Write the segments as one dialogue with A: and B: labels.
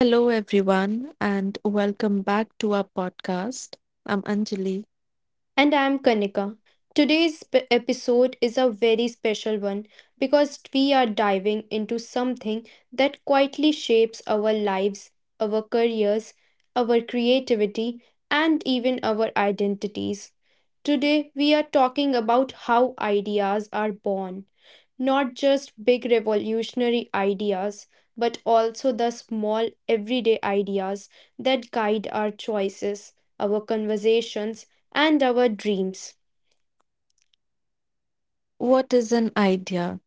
A: Hello, everyone, and welcome back to our podcast. I'm Anjali.
B: And I'm Kanika. Today's episode is a very special one because we are diving into something that quietly shapes our lives, our careers, our creativity, and even our identities. Today, we are talking about how ideas are born. Not just big revolutionary ideas, but also the small everyday ideas that guide our choices, our conversations, and our dreams.
A: What is an idea?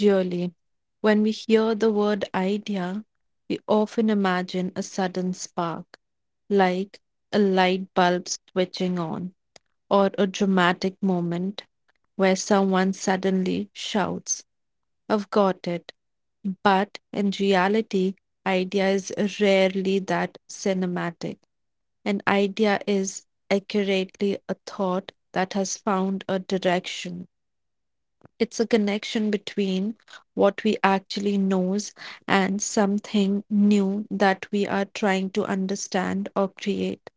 A: Really, when we hear the word idea, we often imagine a sudden spark, like a light bulb switching on, or a dramatic moment where someone suddenly shouts, I've got it. But in reality, idea is rarely that cinematic. An idea is accurately a thought that has found a direction. It's a connection between what we actually knows and something new that we are trying to understand or create.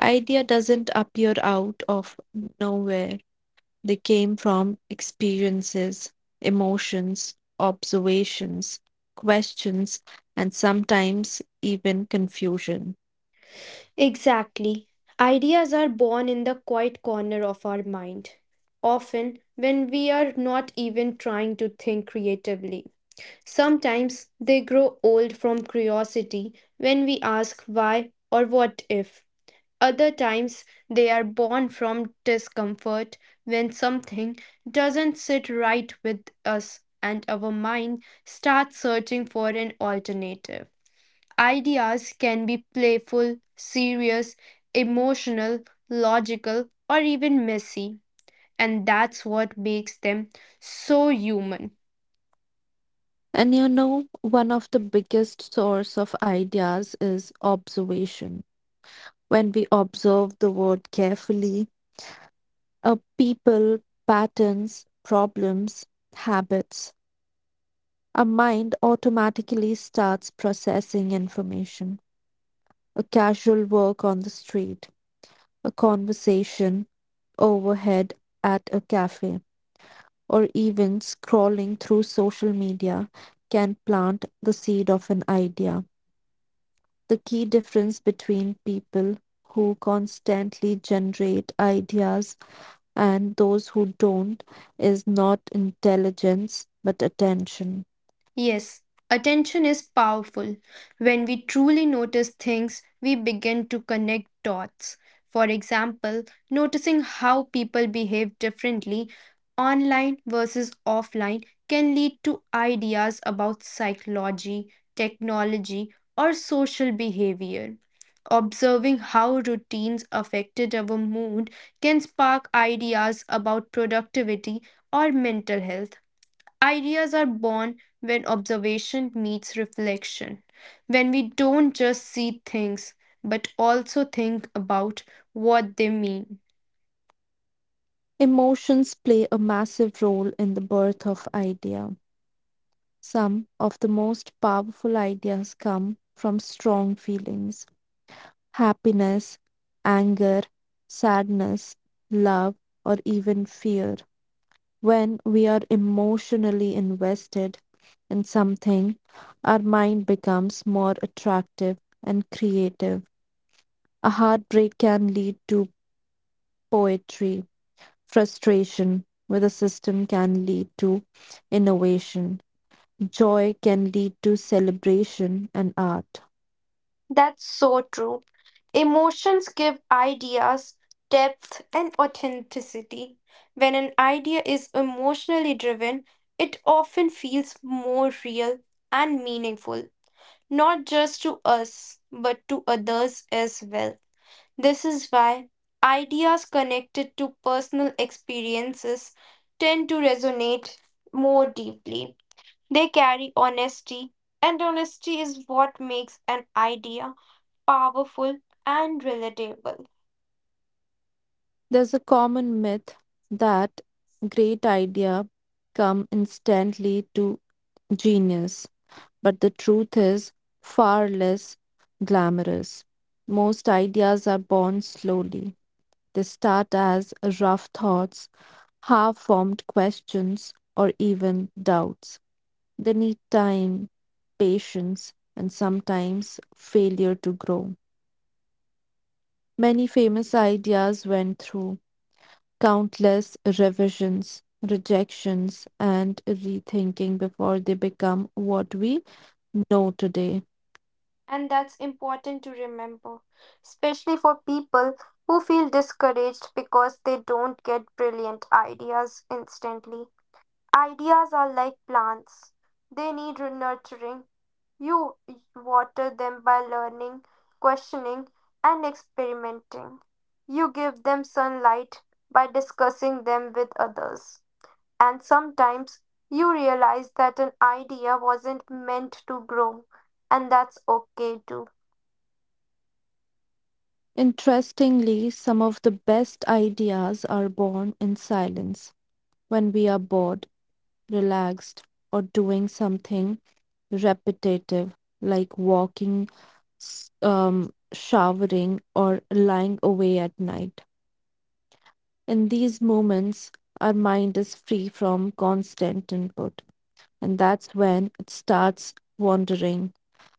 A: Idea doesn't appear out of nowhere. They came from experiences, emotions, observations, questions, and sometimes even confusion.
B: Exactly. Ideas are born in the quiet corner of our mind, often when we are not even trying to think creatively. Sometimes they grow old from curiosity when we ask why or what if. Other times they are born from discomfort when something doesn't sit right with us and our mind starts searching for an alternative. Ideas can be playful, serious, emotional, logical, or even messy. And that's what makes them so human.
A: And you know, one of the biggest source of ideas is observation. When we observe the world carefully, a people, patterns, problems, habits, our mind automatically starts processing information. A casual walk on the street, a conversation overhead at a cafe, or even scrolling through social media can plant the seed of an idea. The key difference between people who constantly generate ideas and those who don't is not intelligence but attention.
B: Yes, attention is powerful. When we truly notice things, we begin to connect dots. For example, noticing how people behave differently online versus offline can lead to ideas about psychology, technology, or social behavior. Observing how routines affected our mood can spark ideas about productivity or mental health. Ideas are born when observation meets reflection, when we don't just see things but also think about what they mean.
A: Emotions play a massive role in the birth of idea. Some of the most powerful ideas come from strong feelings, happiness, anger, sadness, love, or even fear. When we are emotionally invested in something, our mind becomes more attractive and creative. A heartbreak can lead to poetry, frustration with a system can lead to innovation, joy can lead to celebration and art.
B: That's so true. Emotions give ideas depth and authenticity. When an idea is emotionally driven, it often feels more real and meaningful, not just to us, but to others as well. This is why ideas connected to personal experiences tend to resonate more deeply. They carry honesty, and honesty is what makes an idea powerful and relatable.
A: There's a common myth that great idea come instantly to genius, but the truth is far less glamorous. Most ideas are born slowly. They start as rough thoughts, half formed questions, or even doubts. They need time, patience, and sometimes failure to grow. Many famous ideas went through countless revisions, rejections, and rethinking before they become what we know today.
B: And that's important to remember, especially for people who feel discouraged because they don't get brilliant ideas instantly. Ideas are like plants, they need nurturing. You water them by learning, questioning, and experimenting. You give them sunlight by discussing them with others. And sometimes you realize that an idea wasn't meant to grow, and that's okay too.
A: Interestingly, some of the best ideas are born in silence when we are bored, relaxed, or doing something repetitive like walking, showering, or lying away at night. In these moments, our mind is free from constant input, and that's when it starts wandering.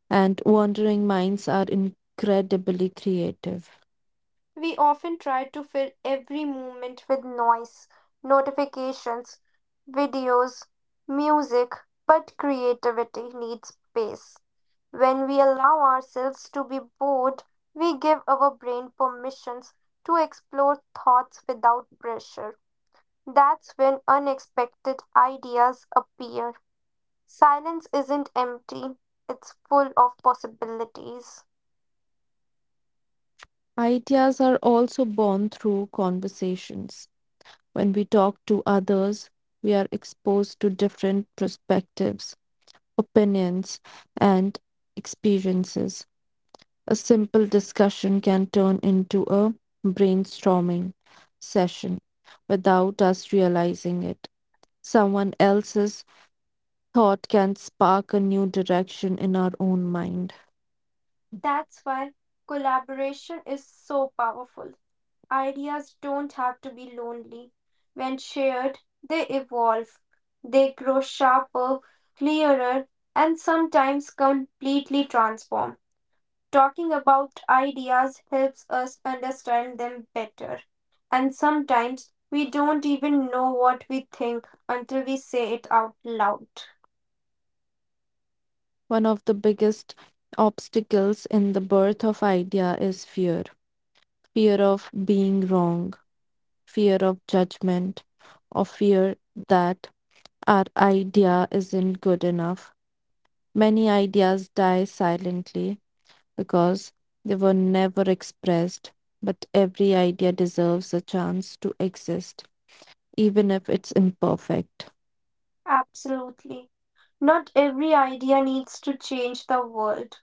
A: And wandering minds are incredibly creative.
B: We often try to fill every moment with noise, notifications, videos, music, but creativity needs space. When we allow ourselves to be bored, we give our brain permissions to explore thoughts without pressure. That's when unexpected ideas appear. Silence isn't empty, it's full of possibilities.
A: Ideas are also born through conversations. When we talk to others, we are exposed to different perspectives, opinions, and experiences. A simple discussion can turn into a brainstorming session without us realizing it. Someone else's thought can spark a new direction in our own mind.
B: That's why collaboration is so powerful. Ideas don't have to be lonely. When shared, they evolve. They grow sharper, clearer, and sometimes completely transform. Talking about ideas helps us understand them better. And sometimes we don't even know what we think until we say it out loud.
A: One of the biggest obstacles in the birth of idea is fear, fear of being wrong, fear of judgment, or fear that our idea isn't good enough. Many ideas die silently because they were never expressed, but every idea deserves a chance to exist, even if it's imperfect.
B: Absolutely. Not every idea needs to change the world.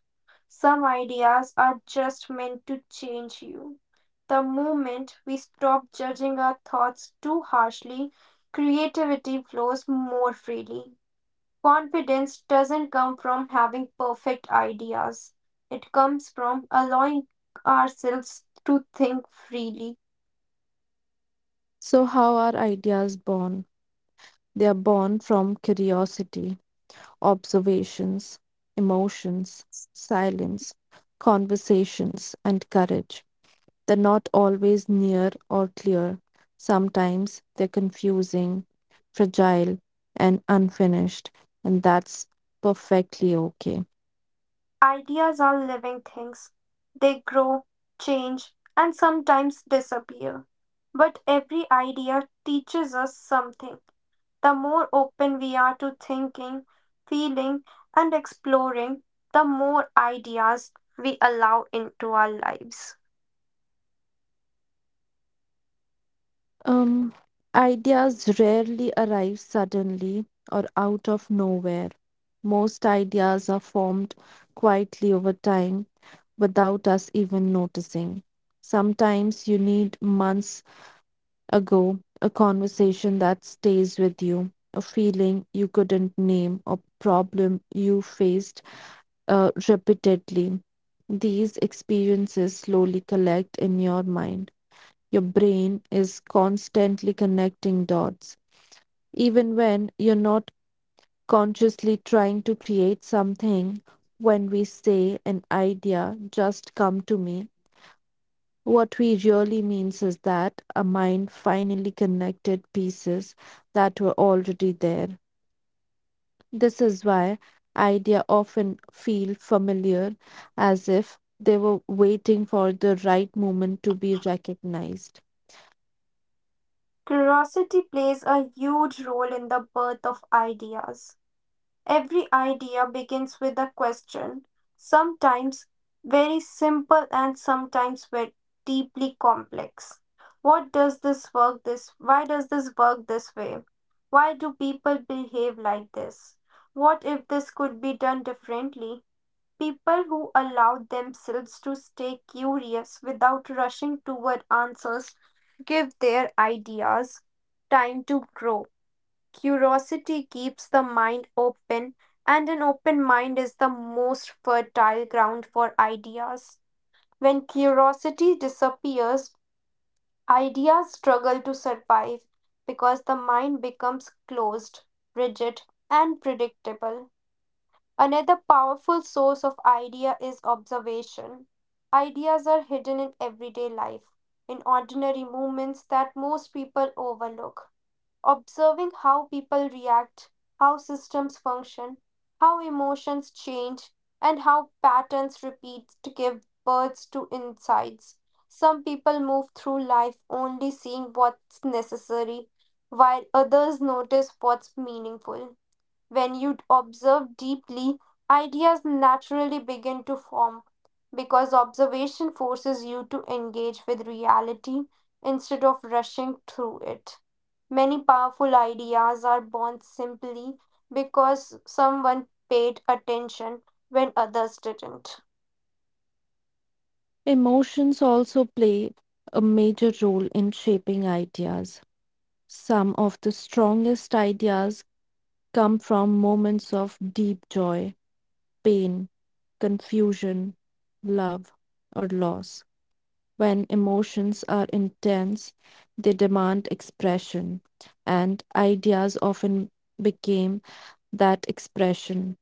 B: Some ideas are just meant to change you. The moment we stop judging our thoughts too harshly, creativity flows more freely. Confidence doesn't come from having perfect ideas, it comes from allowing ourselves to think freely.
A: So, how are ideas born? They are born from curiosity, observations, emotions, silence, conversations, and courage. They're not always near or clear. Sometimes they're confusing, fragile, and unfinished, and that's perfectly okay.
B: Ideas are living things, they grow, change, and sometimes disappear. But every idea teaches us something. The more open we are to thinking, feeling, and exploring, the more ideas we allow into our lives.
A: Um, Ideas rarely arrive suddenly or out of nowhere. Most ideas are formed quietly over time without us even noticing. Sometimes you need months ago, a conversation that stays with you, a feeling you couldn't name, a problem you faced repeatedly. These experiences slowly collect in your mind. Your brain is constantly connecting dots. Even when you're not consciously trying to create something, when we say an idea just come to me, what we really means is that a mind finally connected pieces that were already there. This is why idea often feel familiar as if they were waiting for the right moment to be recognized.
B: Curiosity plays a huge role in the birth of ideas. Every idea begins with a question, sometimes very simple and sometimes very deeply complex. What does this work this why does this work this way? Why do people behave like this? What if this could be done differently? People who allow themselves to stay curious without rushing toward answers give their ideas time to grow. Curiosity keeps the mind open, and an open mind is the most fertile ground for ideas. When curiosity disappears, ideas struggle to survive because the mind becomes closed, rigid, and predictable. Another powerful source of idea is observation. Ideas are hidden in everyday life, in ordinary moments that most people overlook. Observing how people react, how systems function, how emotions change, and how patterns repeat to give birth to insights. Some people move through life only seeing what's necessary, while others notice what's meaningful. When you observe deeply, ideas naturally begin to form because observation forces you to engage with reality instead of rushing through it. Many powerful ideas are born simply because someone paid attention when others didn't.
A: Emotions also play a major role in shaping ideas. Some of the strongest ideas come from moments of deep joy, pain, confusion, love, or loss. When emotions are intense, they demand expression, and ideas often became that expression.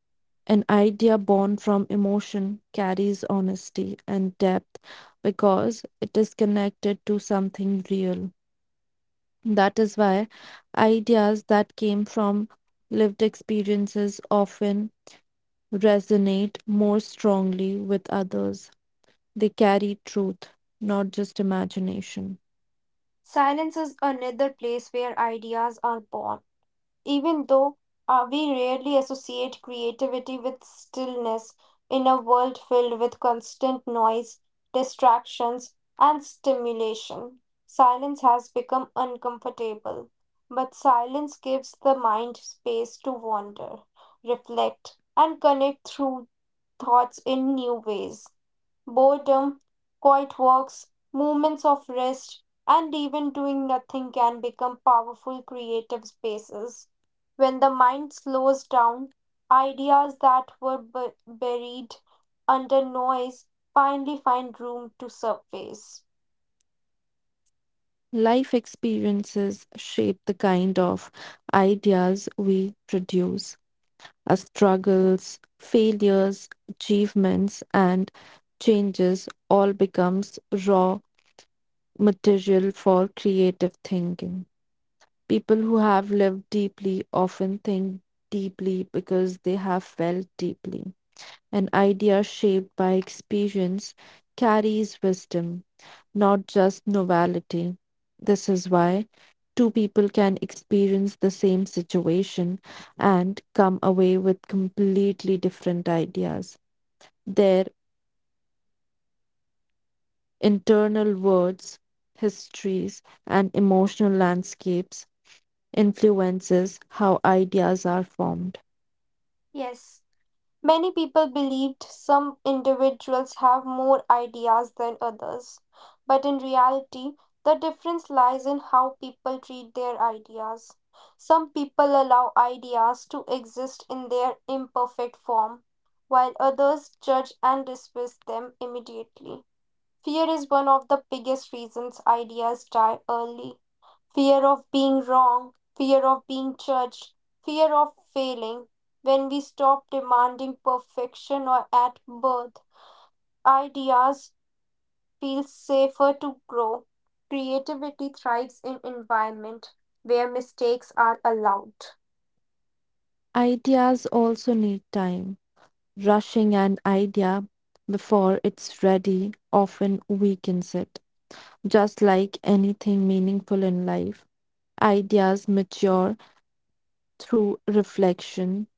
A: An idea born from emotion carries honesty and depth because it is connected to something real. That is why ideas that came from lived experiences often resonate more strongly with others. They carry truth, not just imagination.
B: Silence is another place where ideas are born. Even though we rarely associate creativity with stillness in a world filled with constant noise, distractions, and stimulation, silence has become uncomfortable. But silence gives the mind space to wander, reflect, and connect through thoughts in new ways. Boredom, quiet walks, moments of rest, and even doing nothing can become powerful creative spaces. When the mind slows down, ideas that were buried under noise finally find room to surface.
A: Life experiences shape the kind of ideas we produce. Our struggles, failures, achievements, and changes all becomes raw material for creative thinking. People who have lived deeply often think deeply because they have felt deeply. An idea shaped by experience carries wisdom, not just novelty. This is why two people can experience the same situation and come away with completely different ideas. Their internal words, histories, and emotional landscapes influences how ideas are formed.
B: Yes. Many people believed some individuals have more ideas than others, but in reality, the difference lies in how people treat their ideas. Some people allow ideas to exist in their imperfect form, while others judge and dismiss them immediately. Fear is one of the biggest reasons ideas die early. Fear of being wrong, fear of being judged, fear of failing. When we stop demanding perfection or at birth, ideas feel safer to grow. Creativity thrives in environment where mistakes are allowed.
A: Ideas also need time. Rushing an idea before it's ready often weakens it. Just like anything meaningful in life, ideas mature through reflection,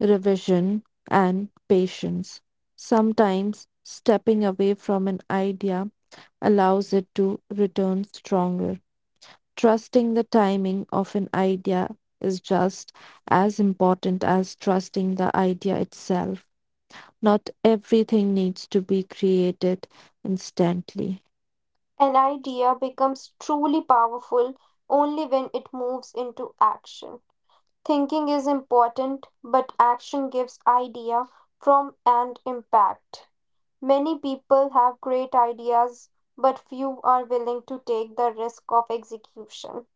A: revision, and patience. Sometimes stepping away from an idea allows it to return stronger. Trusting the timing of an idea is just as important as trusting the idea itself. Not everything needs to be created instantly.
B: An idea becomes truly powerful only when it moves into action. Thinking is important, but action gives idea from and impact. Many people have great ideas, but few are willing to take the risk of execution.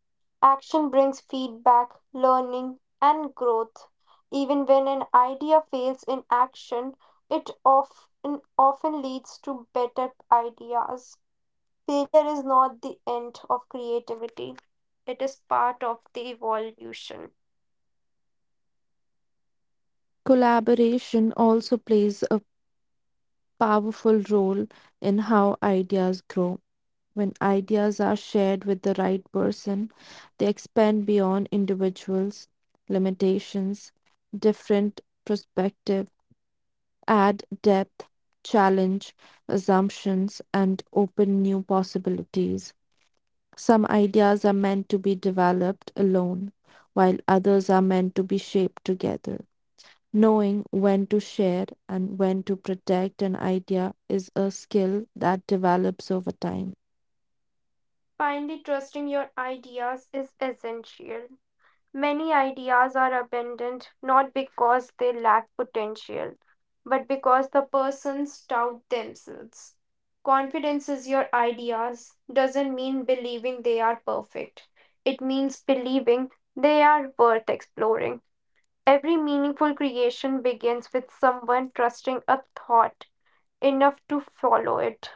B: Action brings feedback, learning, and growth. Even when an idea fails in action, it often leads to better ideas. Failure is not the end of creativity, it is part of the evolution.
A: Collaboration also plays a powerful role in how ideas grow. When ideas are shared with the right person, they expand beyond individuals' limitations, different perspectives add depth, challenge assumptions, and open new possibilities. Some ideas are meant to be developed alone, while others are meant to be shaped together. Knowing when to share and when to protect an idea is a skill that develops over time.
B: Finally, trusting your ideas is essential. Many ideas are abandoned not because they lack potential, but because the persons doubt themselves. Confidence is your ideas doesn't mean believing they are perfect. It means believing they are worth exploring. Every meaningful creation begins with someone trusting a thought enough to follow it.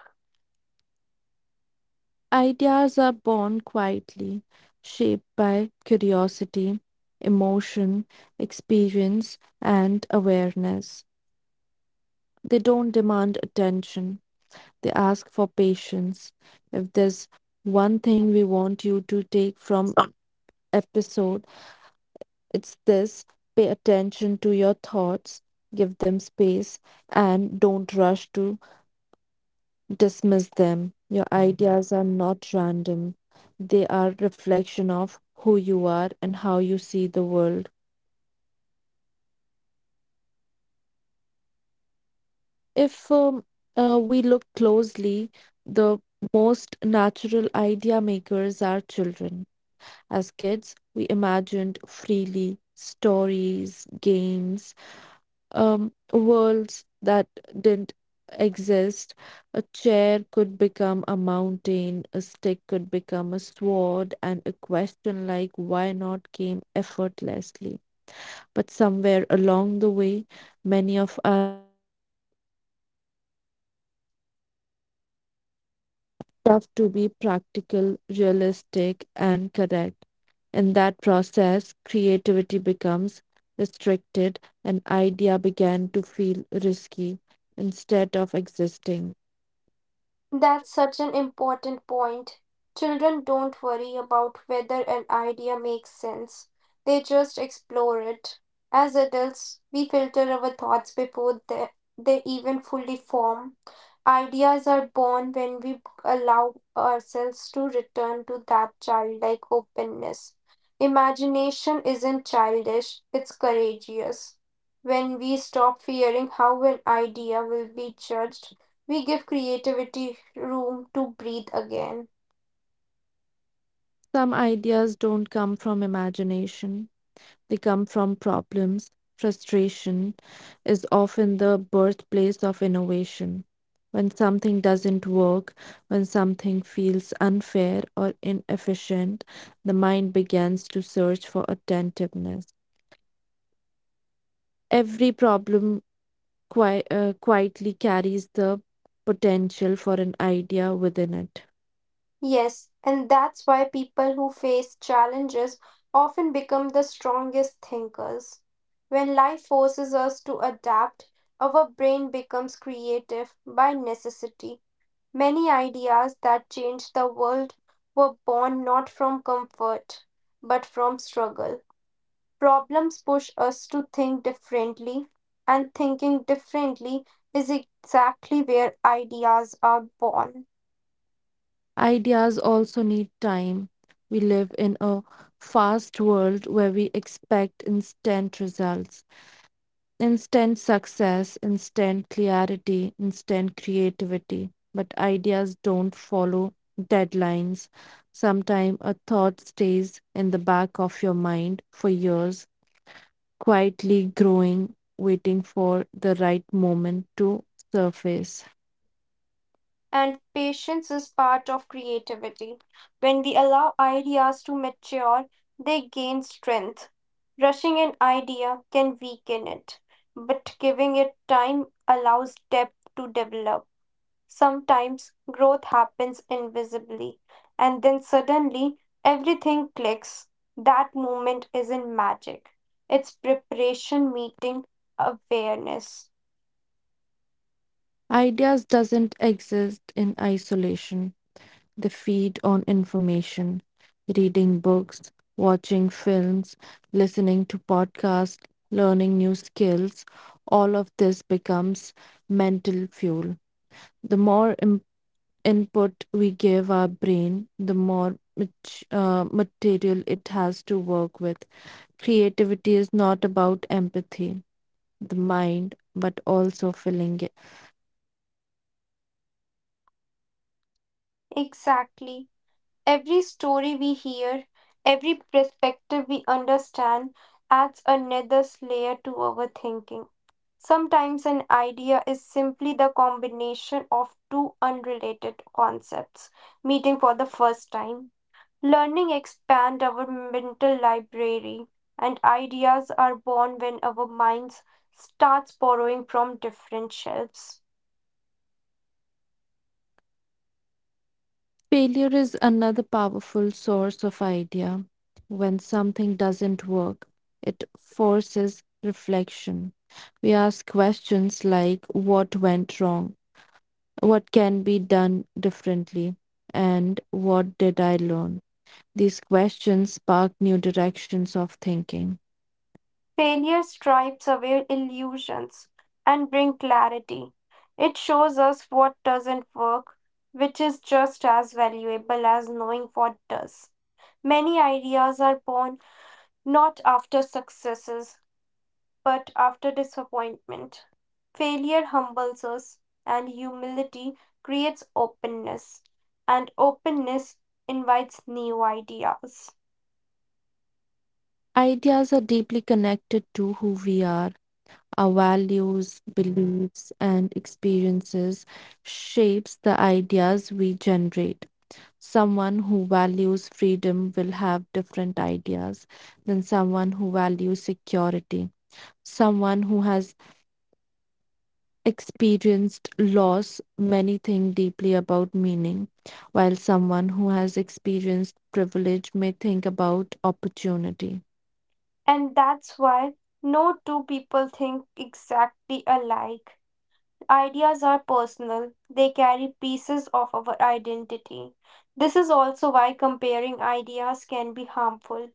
A: Ideas are born quietly, shaped by curiosity, emotion, experience, and awareness. They don't demand attention, they ask for patience. If there's one thing we want you to take from episode, it's this: pay attention to your thoughts, give them space, and don't rush to dismiss them. Your ideas are not random, they are reflection of who you are and how you see the world. If we look closely, the most natural idea makers are children. As kids, we imagined freely stories, games, worlds that didn't exist. A chair could become a mountain, a stick could become a sword, and a question like why not came effortlessly. But somewhere along the way, many of us tough to be practical, realistic, and correct. In that process, creativity becomes restricted and idea began to feel risky instead of existing.
B: That's such an important point. Children don't worry about whether an idea makes sense, they just explore it. As adults, we filter our thoughts before they even fully form. Ideas are born when we allow ourselves to return to that childlike openness. Imagination isn't childish, it's courageous. When we stop fearing how an idea will be judged, we give creativity room to breathe again.
A: Some ideas don't come from imagination. They come from problems. Frustration is often the birthplace of innovation. When something doesn't work, when something feels unfair or inefficient, the mind begins to search for attentiveness. Every problem quietly carries the potential for an idea within it.
B: Yes, and that's why people who face challenges often become the strongest thinkers. When life forces us to adapt, our brain becomes creative by necessity. Many ideas that change the world were born not from comfort, but from struggle. Problems push us to think differently, and thinking differently is exactly where ideas are born.
A: Ideas also need time. We live in a fast world where we expect instant results. Instant success, instant clarity, instant creativity. But ideas don't follow deadlines. Sometimes a thought stays in the back of your mind for years, quietly growing, waiting for the right moment to surface.
B: And patience is part of creativity. When we allow ideas to mature, they gain strength. Rushing an idea can weaken it, but giving it time allows depth to develop. Sometimes growth happens invisibly, and then suddenly everything clicks. That moment isn't magic, it's preparation meeting awareness.
A: Ideas doesn't exist in isolation. They feed on information, reading books, watching films, listening to podcasts, learning new skills. All of this becomes mental fuel. The more input we give our brain, the more material it has to work with. Creativity is not about empathy, the mind, but also filling it thoughtfully.
B: Exactly. Every story we hear, every perspective we understand adds another layer to our thinking. Sometimes an idea is simply the combination of two unrelated concepts meeting for the first time. Learning expands our mental library, and ideas are born when our minds starts borrowing from different shelves.
A: Failure is another powerful source of idea. When something doesn't work, it forces reflection. We ask questions like what went wrong, what can be done differently, and what did I learn? These questions spark new directions of thinking.
B: Failure stripes away illusions and bring clarity. It shows us what doesn't work, which is just as valuable as knowing what does. Many ideas are born not after successes but after disappointment. Failure humbles us, and humility creates openness, and openness invites new ideas.
A: Ideas are deeply connected to who we are. Our values, beliefs, and experiences shapes the ideas we generate. Someone who values freedom will have different ideas than someone who values security. Someone who has experienced loss many think deeply about meaning, while someone who has experienced privilege may think about opportunity.
B: And that's why no two people think exactly alike. Ideas are personal, they carry pieces of our identity. This is also why comparing ideas can be harmful.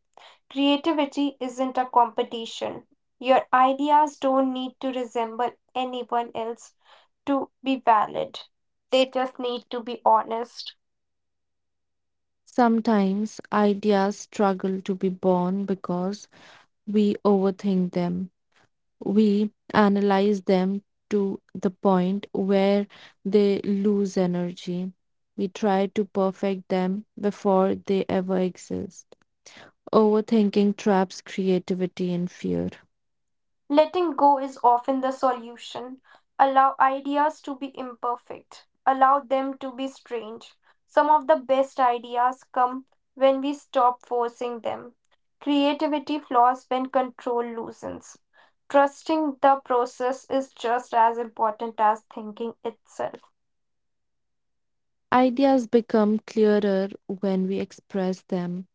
B: Creativity isn't a competition. Your ideas don't need to resemble anyone else to be valid. They just need to be honest.
A: Sometimes ideas struggle to be born because we overthink them. We analyze them to the point where they lose energy. We try to perfect them before they ever exist. Overthinking traps creativity and fear.
B: Letting go is often the solution. Allow ideas to be imperfect, allow them to be strange. Some of the best ideas come when we stop forcing them. Creativity flaws when control loosens. Trusting the process is just as important as thinking itself.
A: Ideas become clearer when we express them.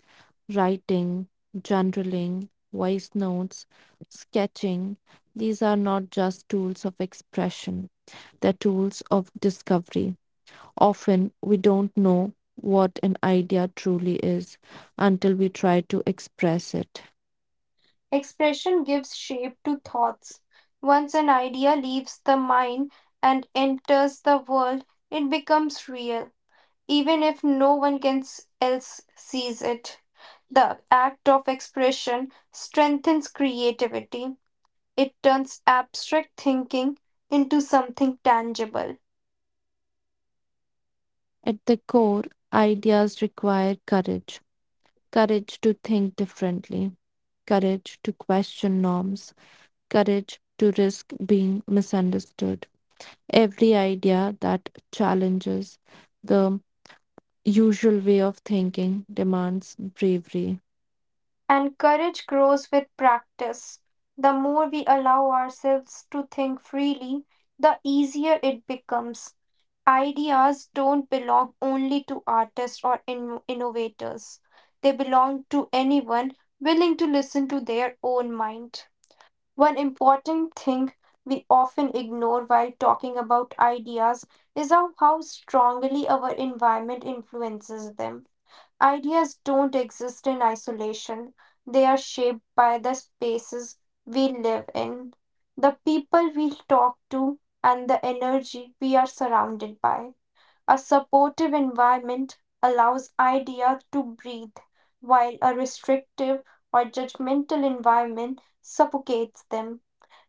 A: Writing, journaling, voice notes, sketching, these are not just tools of expression, they're tools of discovery. Often we don't know what an idea truly is until we try to express it.
B: Expression gives shape to thoughts. Once an idea leaves the mind and enters the world, it becomes real, even if no one else sees it. The act of expression strengthens creativity. It turns abstract thinking into something tangible.
A: At the core, ideas require courage, courage to think differently, courage to question norms, courage to risk being misunderstood. Every idea that challenges the usual way of thinking demands bravery.
B: And courage grows with practice. The more we allow ourselves to think freely, the easier it becomes. Ideas don't belong only to artists or innovators. They belong to anyone willing to listen to their own mind. One important thing we often ignore while talking about ideas is how strongly our environment influences them. Ideas don't exist in isolation, they are shaped by the spaces we live in, the people we talk to, and the energy we are surrounded by. A supportive environment allows ideas to breathe, while a restrictive or judgmental environment suffocates them.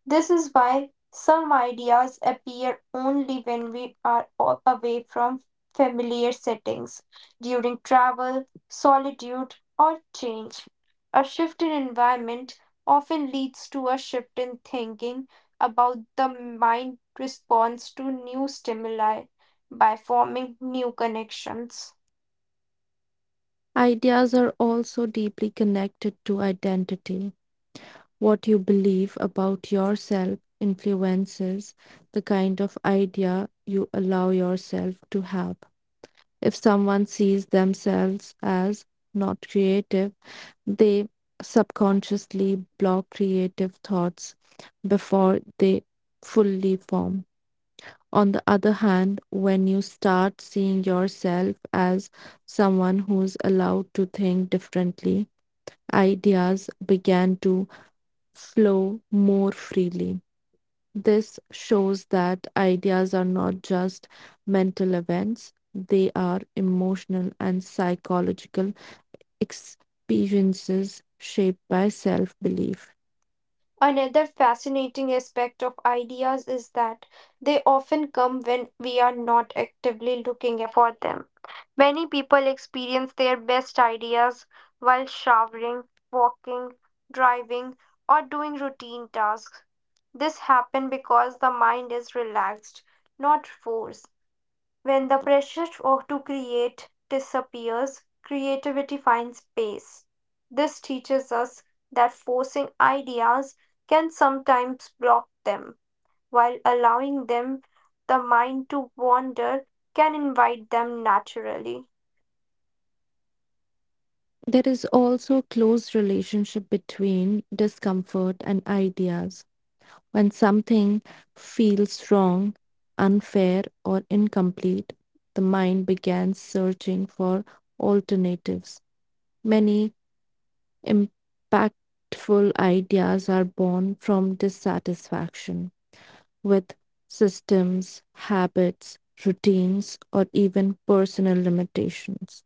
B: This is why some ideas appear only when we are away from familiar settings, during travel, solitude, or change. A shift in environment often leads to a shift in thinking about the mind response to new stimuli by forming new connections.
A: Ideas are also deeply connected to identity. What you believe about yourself influences the kind of idea you allow yourself to have. If someone sees themselves as not creative, they subconsciously block creative thoughts before they fully form. On the other hand, when you start seeing yourself as someone who's allowed to think differently, ideas began to flow more freely. This shows that ideas are not just mental events, they are emotional and psychological experiences shaped by self belief.
B: Another fascinating aspect of ideas is that they often come when we are not actively looking for them. Many people experience their best ideas while showering, walking, driving, or doing routine tasks. This happens because the mind is relaxed, not forced. When the pressure to create disappears, creativity finds space. This teaches us that forcing ideas can sometimes block them, while allowing them the mind to wander can invite them naturally.
A: There is also a close relationship between discomfort and ideas. When something feels wrong, unfair, or incomplete, the mind begins searching for alternatives. Many impactful ideas are born from dissatisfaction with systems, habits, routines, or even personal limitations.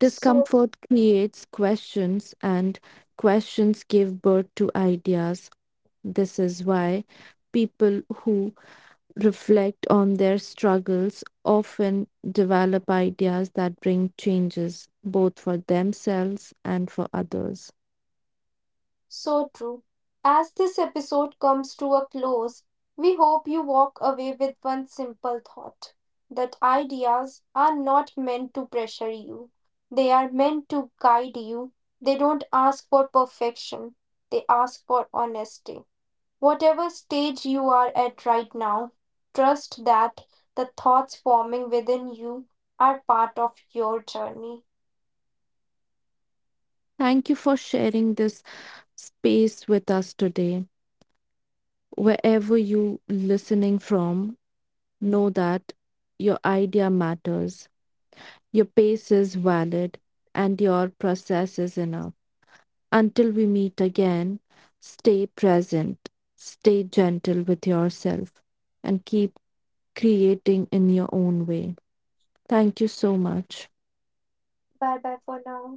B: So,
A: Discomfort creates questions, and questions give birth to ideas. This is why people who reflect on their struggles often develop ideas that bring changes both for themselves and for others.
B: So true. As this episode comes to a close, we hope you walk away with one simple thought that ideas are not meant to pressure you, they are meant to guide you. They don't ask for perfection, they ask for honesty. Whatever stage you are at right now, trust that the thoughts forming within you are part of your journey.
A: Thank you for sharing this space with us today. Wherever you listening from, know that your idea matters, your pace is valid, and your process is enough. Until we meet again, stay present, stay gentle with yourself, and keep creating in your own way. Thank you so much.
B: Bye bye for now.